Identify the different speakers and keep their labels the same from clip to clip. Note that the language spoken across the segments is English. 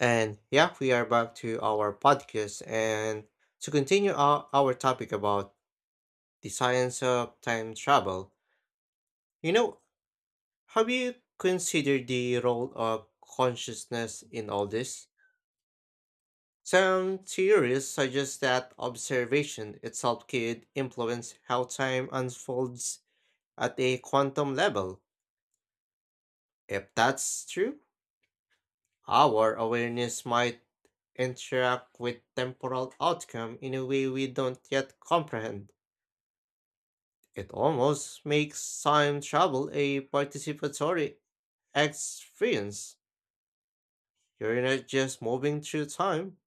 Speaker 1: And yeah, we are back to our podcast and to continue our topic about the science of time travel. You know, have you considered the role of consciousness in all this? Some theories suggest that observation itself could influence how time unfolds at a quantum level. If that's true, our awareness might interact with temporal outcome in a way we don't yet comprehend. It almost makes time travel a participatory experience. You're not just moving through time,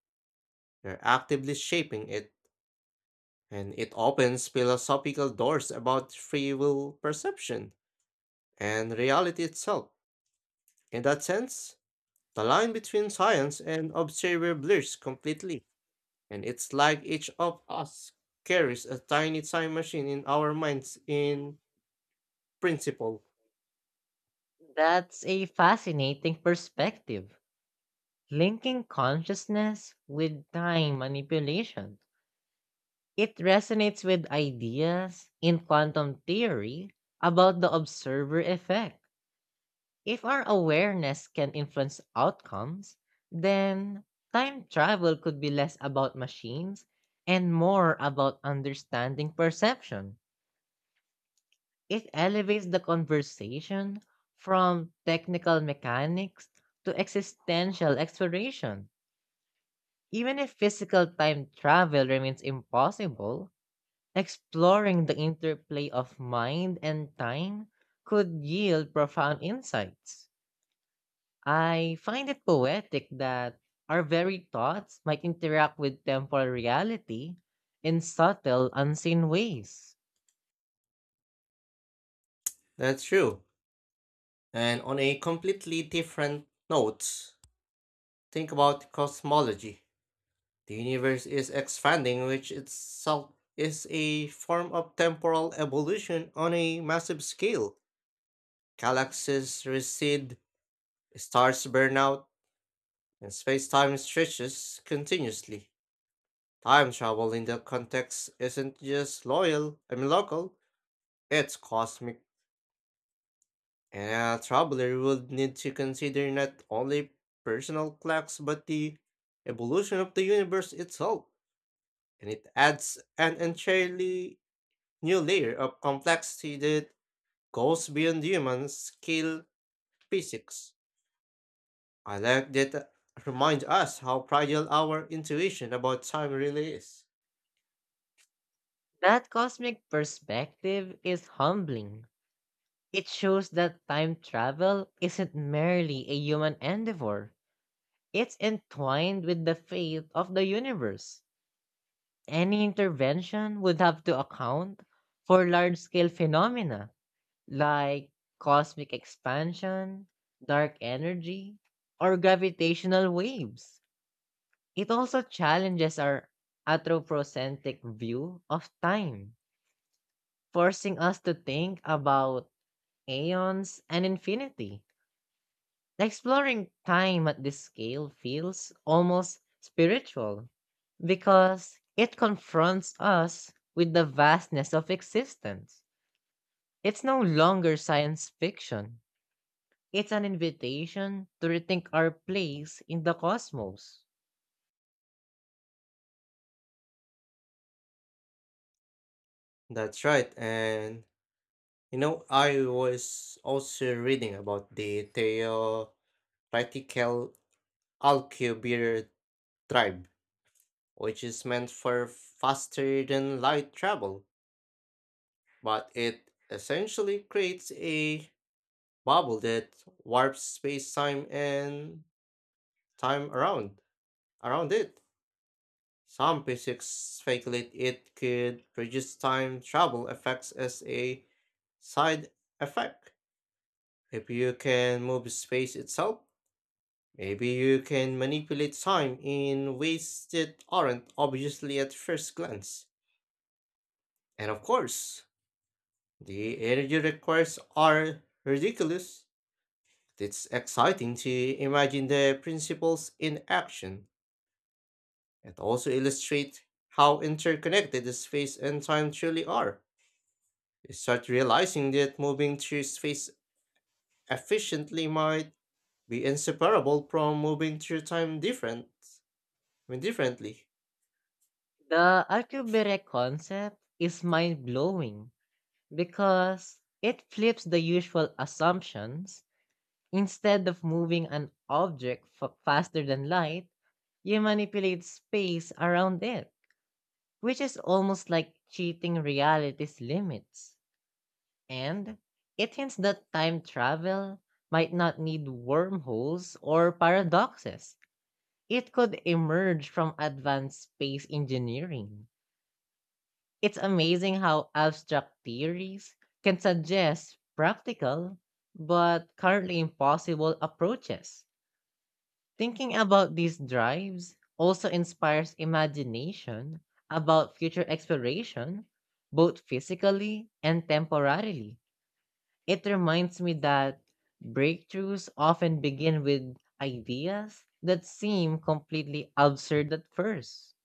Speaker 1: you're actively shaping it. And it opens philosophical doors about free will perception and reality itself. In that sense, the line between science and observer blurs completely. And it's like each of us carries a tiny time machine in our minds in principle.
Speaker 2: That's a fascinating perspective, linking consciousness with time manipulation. It resonates with ideas in quantum theory about the observer effect. If our awareness can influence outcomes, then time travel could be less about machines and more about understanding perception. It elevates the conversation from technical mechanics to existential exploration. Even if physical time travel remains impossible, exploring the interplay of mind and time could yield profound insights. I find it poetic that our very thoughts might interact with temporal reality in subtle, unseen ways.
Speaker 1: That's true. And on a completely different note, think about cosmology. The universe is expanding, which itself is a form of temporal evolution on a massive scale. Galaxies recede, stars burn out, and space time stretches continuously. Time travel in that context isn't just loyal, I mean local, it's cosmic. And a traveler would need to consider not only personal clocks but the evolution of the universe itself, and it adds an entirely new layer of complexity that goes beyond human scale physics. I like that remind us how fragile our intuition about time really is.
Speaker 2: That cosmic perspective is humbling. It shows that time travel isn't merely a human endeavor, it's entwined with the fate of the universe. Any intervention would have to account for large scale phenomena like cosmic expansion, dark energy, or gravitational waves. It also challenges our anthropocentric view of time, forcing us to think about aeons and infinity. Exploring time at this scale feels almost spiritual because it confronts us with the vastness of existence. It's no longer science fiction, it's an invitation to rethink our place in the cosmos.
Speaker 1: That's right, and you know I was also reading about the theoretical Alcubierre tribe which is meant for faster than light travel, but it essentially creates a bubble that warps space-time and time around it. Some physics speculate it could produce time travel effects as a side effect. If you can move space itself, maybe you can manipulate time in ways that aren't obviously at first glance. And of course, the energy requirements are ridiculous. It's exciting to imagine the principles in action and also illustrate how interconnected the space and time truly are. You start realizing that moving through space efficiently might be inseparable from moving through time different I mean differently.
Speaker 2: The Alcubierre concept is mind blowing because it flips the usual assumptions. Instead of moving an object faster than light, you manipulate space around it, which is almost like cheating reality's limits. And it hints that time travel might not need wormholes or paradoxes. It could emerge from advanced space engineering. It's amazing how abstract theories can suggest practical but currently impossible approaches. Thinking about these drives also inspires imagination about future exploration, both physically and temporarily. It reminds me that breakthroughs often begin with ideas that seem completely absurd at first.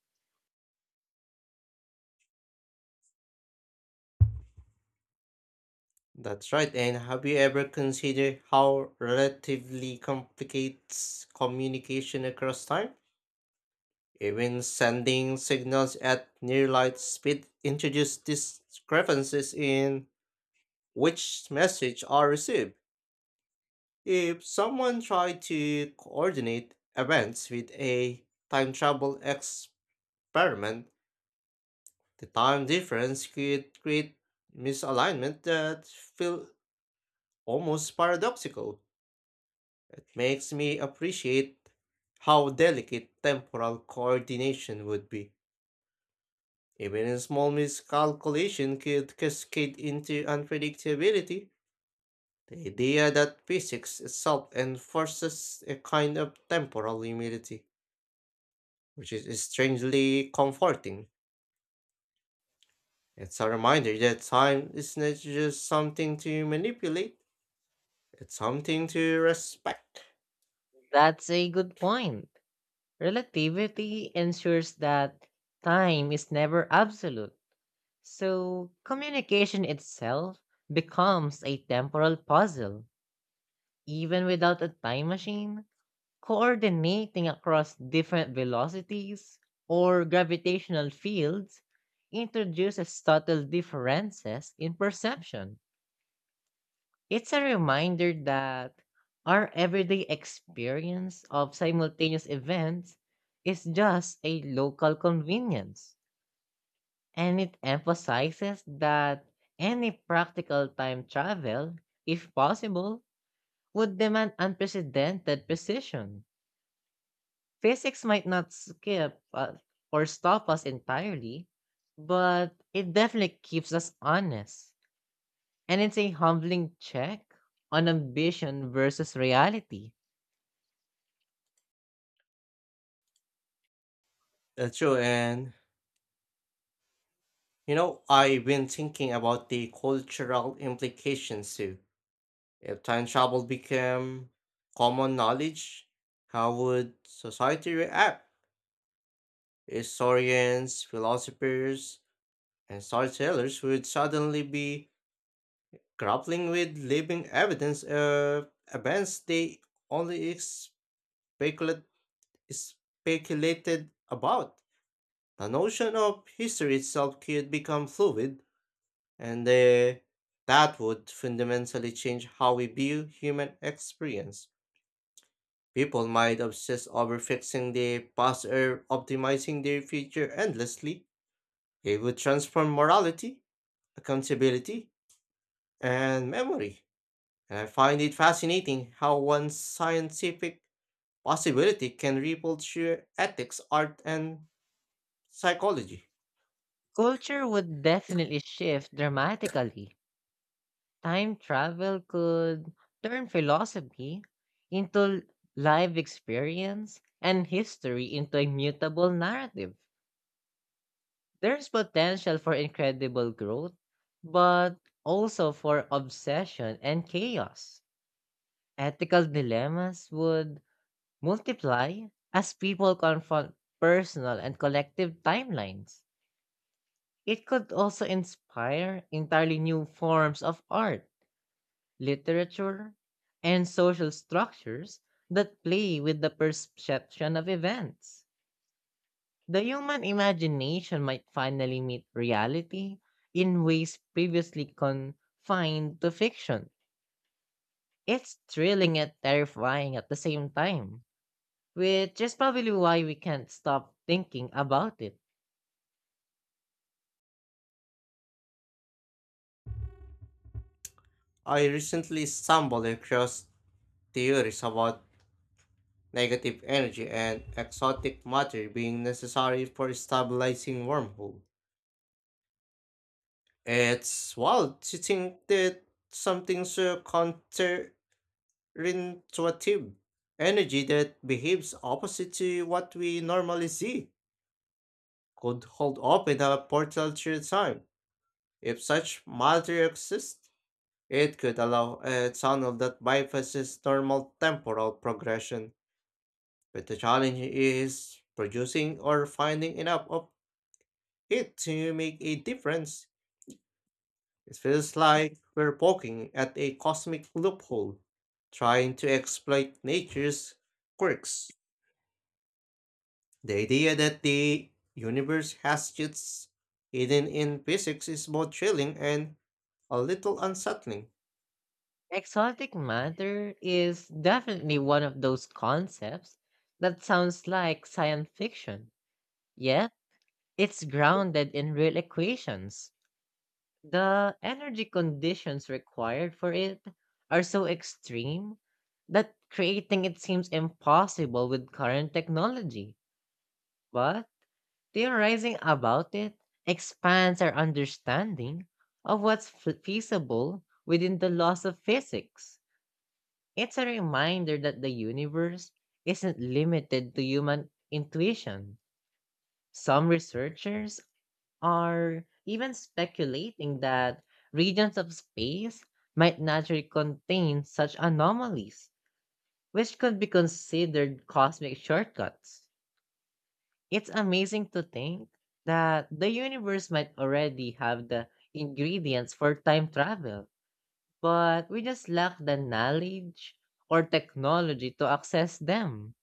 Speaker 1: That's right, and have you ever considered how relatively complicates communication across time? Even sending signals at near light speed introduce discrepancies in which messages are received. If someone tried to coordinate events with a time travel experiment, the time difference could create misalignment that feel almost paradoxical. It makes me appreciate how delicate temporal coordination would be. Even a small miscalculation could cascade into unpredictability. The idea that physics itself enforces a kind of temporal immunity, which is strangely comforting. It's a reminder that time is not just something to manipulate, it's something to respect.
Speaker 2: That's a good point. Relativity ensures that time is never absolute, so communication itself becomes a temporal puzzle. Even without a time machine, coordinating across different velocities or gravitational fields introduces subtle differences in perception. It's a reminder that our everyday experience of simultaneous events is just a local convenience. And it emphasizes that any practical time travel, if possible, would demand unprecedented precision. Physics might not skip, or stop us entirely, but it definitely keeps us honest. And it's a humbling check on ambition versus reality.
Speaker 1: That's true, and you know, I've been thinking about the cultural implications too. If time travel became common knowledge, how would society react? Historians, philosophers, and storytellers would suddenly be grappling with living evidence of events they only speculate, speculated about. The notion of history itself could become fluid, and that would fundamentally change how we view human experience. People might obsess over fixing the past or optimizing their future endlessly. It would transform morality, accountability, and memory. And I find it fascinating how one scientific possibility can ripple through ethics, art, and psychology.
Speaker 2: Culture would definitely shift dramatically. Time travel could turn philosophy into live experience and history into a mutable narrative. There's potential for incredible growth, but also for obsession and chaos. Ethical dilemmas would multiply as people confront personal and collective timelines. It could also inspire entirely new forms of art, literature, and social structures that play with the perception of events. The human imagination might finally meet reality in ways previously confined to fiction. It's thrilling and terrifying at the same time, which is probably why we can't stop thinking about it.
Speaker 1: I recently stumbled across theories about negative energy and exotic matter being necessary for stabilizing wormholes. It's wild to think that something so counterintuitive, energy that behaves opposite to what we normally see, could hold open a portal through time. If such matter exists, it could allow a tunnel that bypasses normal temporal progression. But the challenge is producing or finding enough of it to make a difference. It feels like we're poking at a cosmic loophole, trying to exploit nature's quirks. The idea that the universe has its hidden in physics is both chilling and a little unsettling.
Speaker 2: Exotic matter is definitely one of those concepts that sounds like science fiction, yet it's grounded in real equations. The energy conditions required for it are so extreme that creating it seems impossible with current technology. But theorizing about it expands our understanding of what's feasible within the laws of physics. It's a reminder that the universe isn't limited to human intuition. Some researchers are even speculating that regions of space might naturally contain such anomalies, which could be considered cosmic shortcuts. It's amazing to think that the universe might already have the ingredients for time travel, but we just lack the knowledge or technology to access them.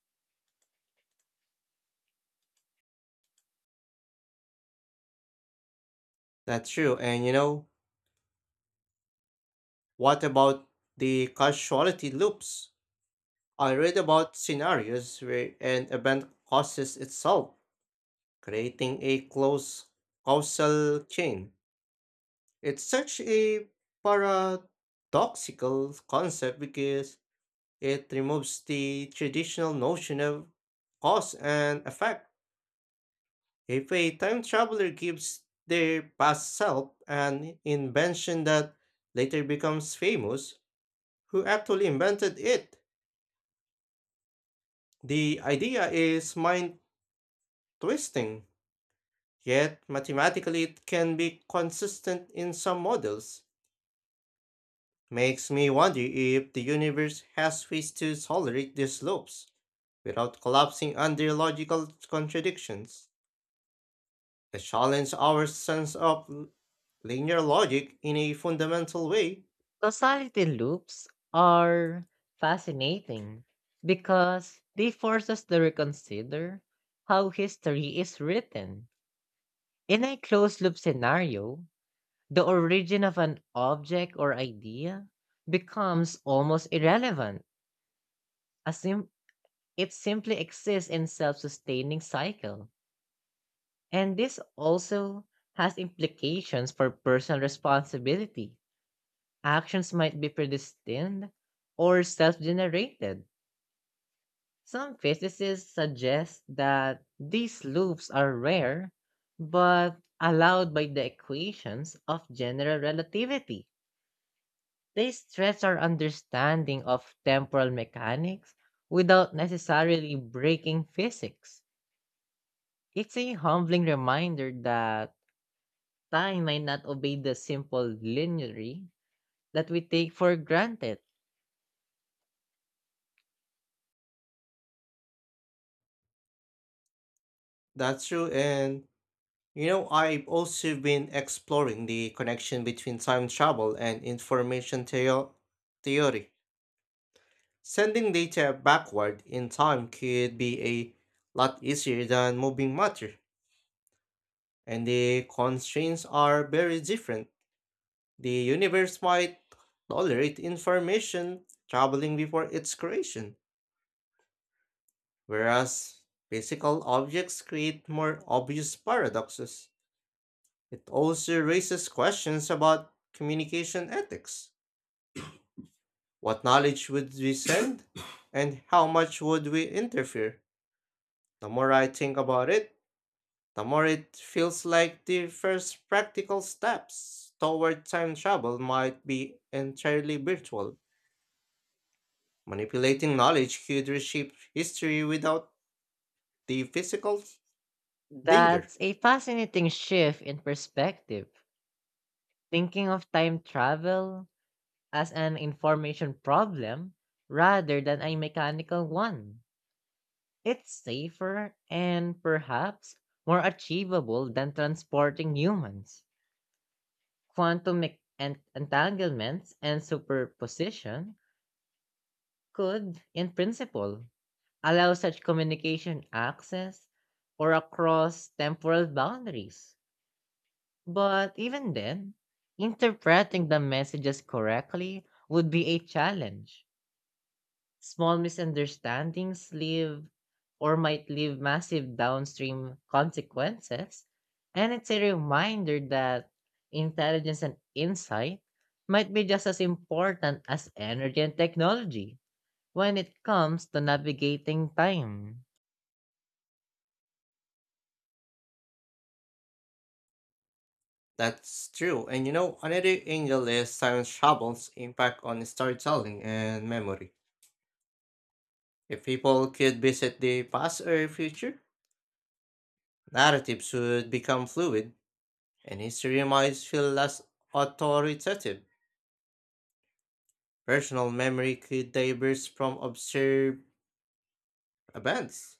Speaker 1: That's true, and you know, what about the causality loops? I read about scenarios where an event causes itself, creating a close causal chain. It's such a paradoxical concept because it removes the traditional notion of cause and effect. If a time traveler gives their past self an invention that later becomes famous, who actually invented it? The idea is mind twisting, yet mathematically it can be consistent in some models. Makes me wonder if the universe has ways to tolerate these loops without collapsing under logical contradictions. They challenge our sense of linear logic in a fundamental way.
Speaker 2: Causality loops are fascinating because they force us to reconsider how history is written. In a closed loop scenario, the origin of an object or idea becomes almost irrelevant, as it simply exists in self sustaining cycle. And this also has implications for personal responsibility. Actions might be predestined or self generated. Some physicists suggest that these loops are rare, but allowed by the equations of general relativity. They stretch our understanding of temporal mechanics without necessarily breaking physics. It's a humbling reminder that time might not obey the simple linearity that we take for granted.
Speaker 1: That's true, and you know, I've also been exploring the connection between time travel and information theory. Sending data backward in time could be a lot easier than moving matter. And the constraints are very different. The universe might tolerate information traveling before its creation, whereas physical objects create more obvious paradoxes. It also raises questions about communication ethics. What knowledge would we send, and how much would we interfere? The more I think about it, the more it feels like the first practical steps toward time travel might be entirely virtual. Manipulating knowledge could reshape history without the physical danger.
Speaker 2: That's a fascinating shift in perspective. Thinking of time travel as an information problem rather than a mechanical one. It's safer and perhaps more achievable than transporting humans. Quantum entanglements and superposition could, in principle, allow such communication access or across temporal boundaries. But even then, interpreting the messages correctly would be a challenge. Small misunderstandings leave or might leave massive downstream consequences. And it's a reminder that intelligence and insight might be just as important as energy and technology when it comes to navigating time.
Speaker 1: That's true. And you know, another angle is time travel's impact on storytelling and memory. If people could visit the past or future, narratives would become fluid, and history might feel less authoritative. Personal memory could diverge from observed events,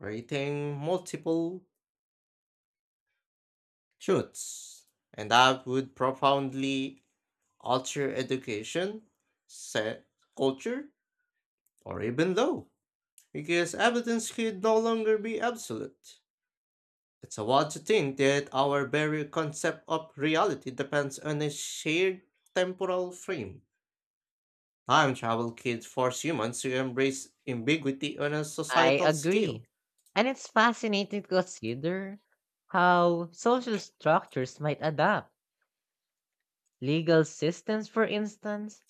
Speaker 1: creating multiple truths, and that would profoundly alter education, set culture, or even law, because evidence could no longer be absolute. It's odd to think that our very concept of reality depends on a shared temporal frame. Time travel could force humans to embrace ambiguity on a
Speaker 2: I
Speaker 1: societal scale.
Speaker 2: agree. And it's fascinating to consider how social structures might adapt. Legal systems, for instance,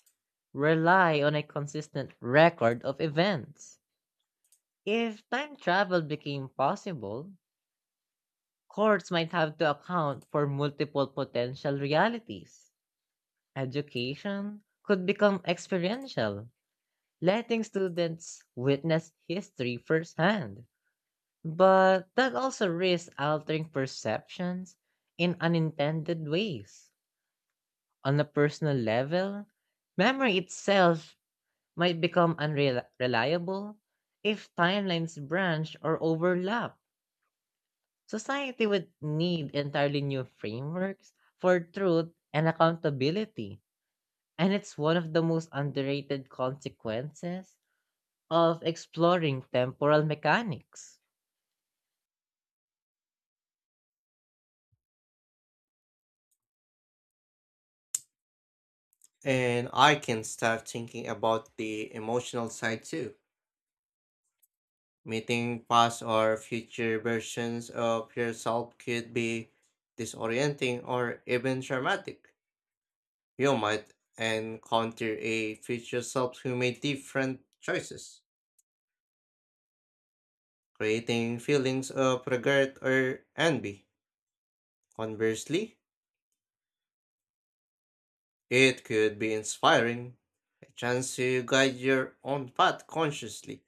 Speaker 2: rely on a consistent record of events. If time travel became possible, courts might have to account for multiple potential realities. Education could become experiential, letting students witness history firsthand. But that also risks altering perceptions in unintended ways. On a personal level, memory itself might become unreliable if timelines branch or overlap. Society would need entirely new frameworks for truth and accountability. And it's one of the most underrated consequences of exploring temporal mechanics.
Speaker 1: And I can start thinking about the emotional side too. Meeting past or future versions of yourself could be disorienting or even traumatic. You might encounter a future self who made different choices, creating feelings of regret or envy. Conversely, it could be inspiring, a chance to guide your own path consciously.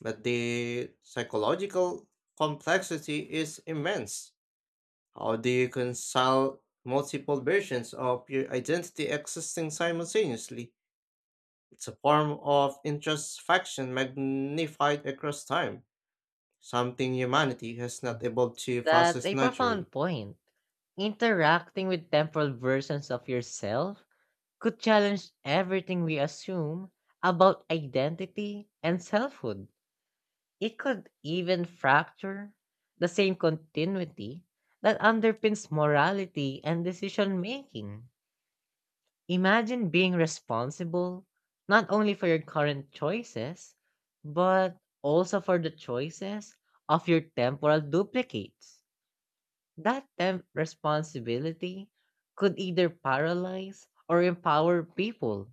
Speaker 1: But the psychological complexity is immense. How do you reconcile multiple versions of your identity existing simultaneously? It's a form of introspection magnified across time, something humanity has not able to
Speaker 2: That's
Speaker 1: process
Speaker 2: a
Speaker 1: naturally.
Speaker 2: profound point. Interacting with temporal versions of yourself could challenge everything we assume about identity and selfhood. It could even fracture the same continuity that underpins morality and decision making. Imagine being responsible not only for your current choices, but also for the choices of your temporal duplicates. That temp responsibility could either paralyze or empower people,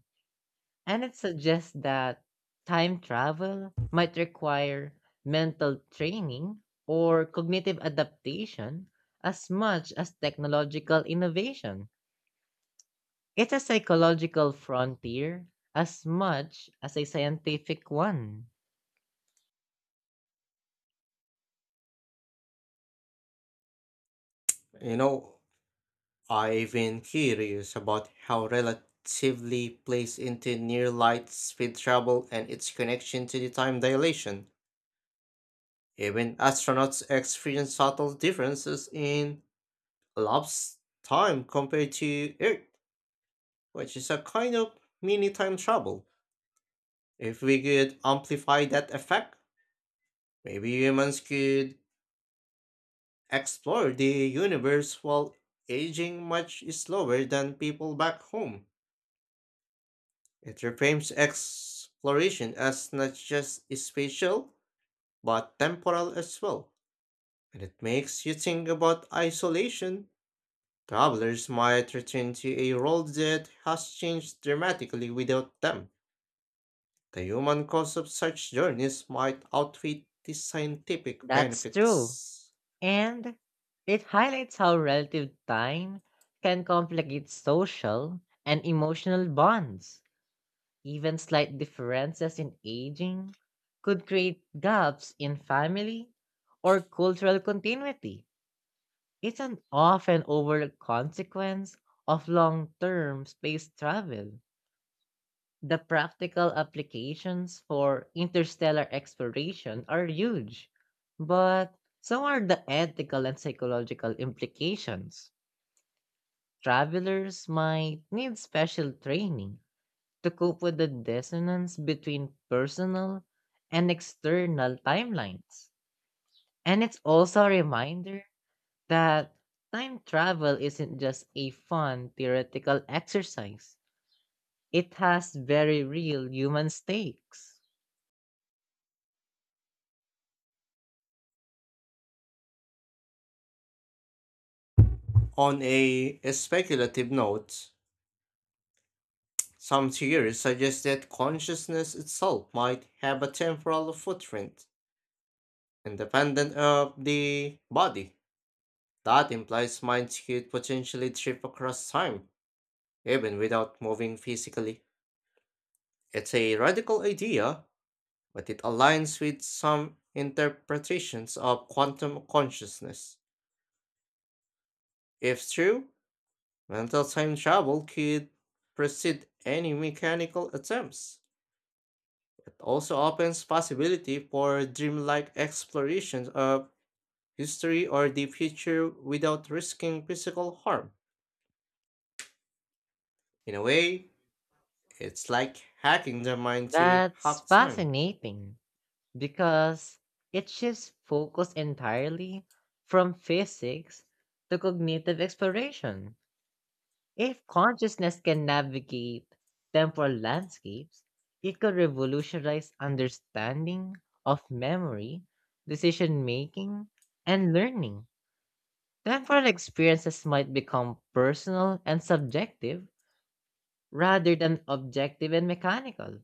Speaker 2: and it suggests that time travel might require mental training or cognitive adaptation as much as technological innovation. It's a psychological frontier as much as a scientific one.
Speaker 1: You know, I've been curious about how relatively plays into near light speed travel and its connection to the time dilation. Even astronauts experience subtle differences in elapsed time compared to Earth, which is a kind of mini time travel. If we could amplify that effect, maybe humans could explore the universe while aging much slower than people back home. It reframes exploration as not just spatial, but temporal as well. And it makes you think about isolation. Travelers might return to a world that has changed dramatically without them. The human cost of such journeys might outweigh the scientific
Speaker 2: That's true.
Speaker 1: benefits.
Speaker 2: And it highlights how relative time can complicate social and emotional bonds. Even slight differences in aging could create gaps in family or cultural continuity. It's an often overlooked consequence of long term space travel. The practical applications for interstellar exploration are huge, but so are the ethical and psychological implications. Travelers might need special training to cope with the dissonance between personal and external timelines. And it's also a reminder that time travel isn't just a fun theoretical exercise, it has very real human stakes.
Speaker 1: On a speculative note, some theories suggest that consciousness itself might have a temporal footprint, independent of the body. That implies minds could potentially trip across time, even without moving physically. It's a radical idea, but it aligns with some interpretations of quantum consciousness. If true, mental time travel could precede any mechanical attempts. It also opens possibility for dreamlike explorations of history or the future without risking physical harm. In a way, it's like hacking the mind to
Speaker 2: That's
Speaker 1: hack time.
Speaker 2: fascinating because it shifts focus entirely from physics to cognitive exploration. If consciousness can navigate temporal landscapes, it could revolutionize understanding of memory, decision making, and learning. Temporal experiences might become personal and subjective rather than objective and mechanical.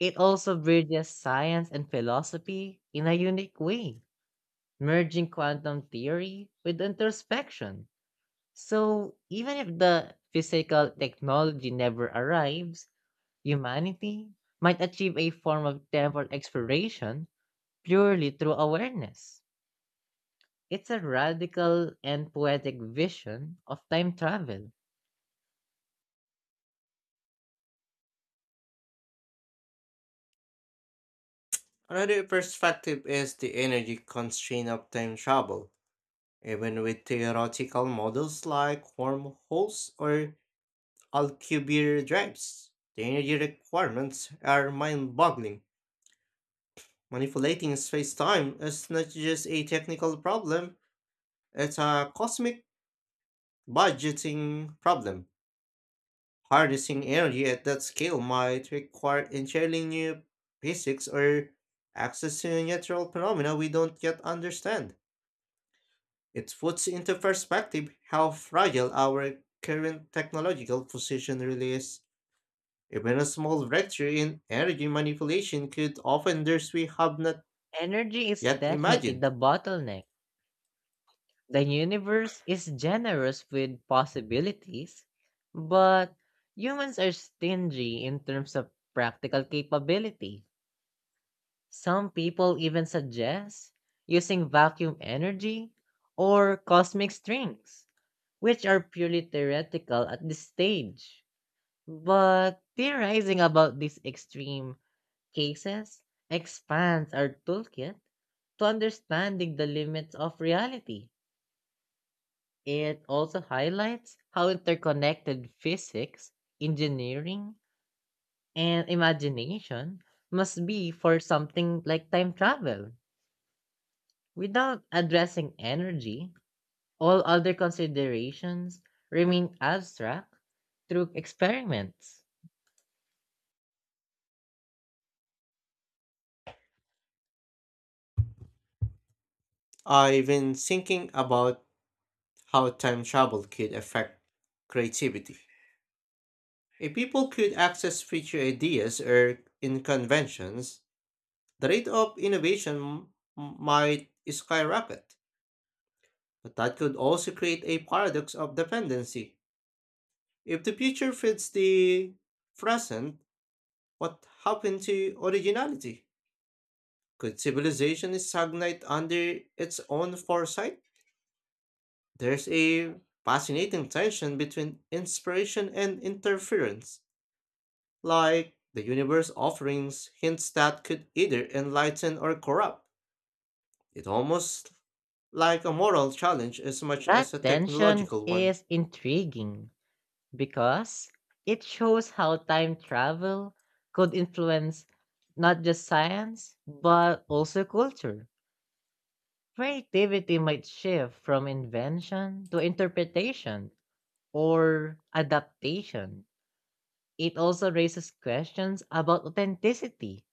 Speaker 2: It also bridges science and philosophy in a unique way, merging quantum theory with introspection. So, even if the physical technology never arrives, humanity might achieve a form of temple exploration purely through awareness. It's a radical and poetic vision of time travel.
Speaker 1: Another perspective is the energy constraint of time travel. Even with theoretical models like wormholes or Alcubierre drives. The energy requirements are mind-boggling. Manipulating space-time is not just a technical problem, it's a cosmic budgeting problem. Harnessing energy at that scale might require entirely new physics or access to natural phenomena we don't yet understand. It puts into perspective how fragile our current technological position really is. Even a small breakthrough in energy manipulation could open doors we have not
Speaker 2: Energy is
Speaker 1: yet
Speaker 2: definitely
Speaker 1: imagined.
Speaker 2: the bottleneck. The universe is generous with possibilities, but humans are stingy in terms of practical capability. Some people even suggest using vacuum energy or cosmic strings which are purely theoretical at this stage. But theorizing about these extreme cases expands our toolkit to understanding the limits of reality. It also highlights how interconnected physics, engineering, and imagination must be for something like time travel. Without addressing energy, all other considerations remain abstract through experiments.
Speaker 1: I've been thinking about how time travel could affect creativity. If people could access future ideas or in conventions, the rate of innovation might skyrocket. But that could also create a paradox of dependency. If the future fits the present, what happened to originality? Could civilization stagnate under its own foresight? There's a fascinating tension between inspiration and interference, like the universe offerings hints that could either enlighten or corrupt. It almost like a moral challenge as much as
Speaker 2: That
Speaker 1: a
Speaker 2: tension
Speaker 1: technological one.
Speaker 2: is intriguing because it shows how time travel could influence not just science, but also culture. Creativity might shift from invention to interpretation or adaptation. It also raises questions about authenticity.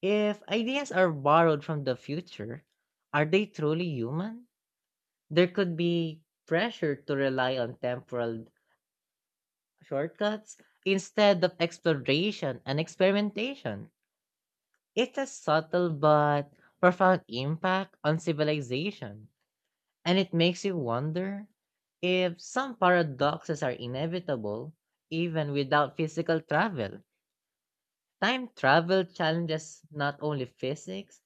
Speaker 2: If ideas are borrowed from the future, are they truly human? There could be pressure to rely on temporal shortcuts instead of exploration and experimentation. It's a subtle but profound impact on civilization, and it makes you wonder if some paradoxes are inevitable even without physical travel. Time travel challenges not only physics,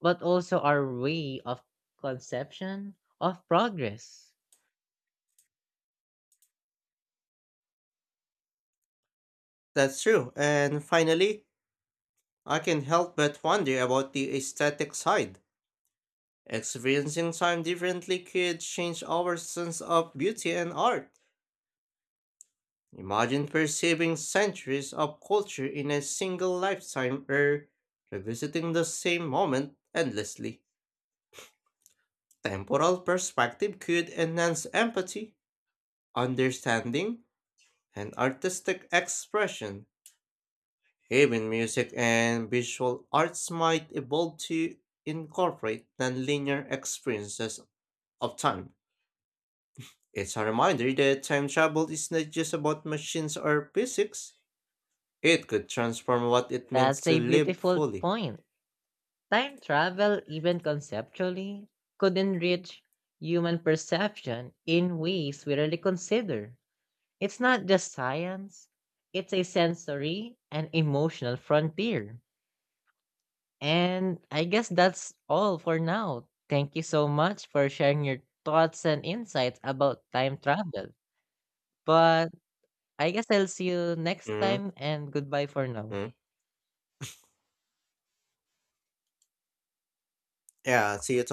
Speaker 2: but also our way of conception of progress.
Speaker 1: That's true. And finally, I can help but wonder about the aesthetic side. Experiencing time differently could change our sense of beauty and art. Imagine perceiving centuries of culture in a single lifetime or revisiting the same moment endlessly. Temporal perspective could enhance empathy, understanding, and artistic expression. Even music and visual arts might evolve to incorporate non-linear experiences of time. It's a reminder that time travel is not just about machines or physics. It could transform what it means
Speaker 2: That's
Speaker 1: to
Speaker 2: a
Speaker 1: live
Speaker 2: beautiful
Speaker 1: fully.
Speaker 2: point. Time travel, even conceptually, could enrich human perception in ways we rarely consider. It's not just science, it's a sensory and emotional frontier. And I guess that's all for now. Thank you so much for sharing your thoughts and insights about time travel. But I guess I'll see you next
Speaker 1: Mm-hmm.
Speaker 2: time and goodbye for now.
Speaker 1: Mm-hmm. Yeah, see you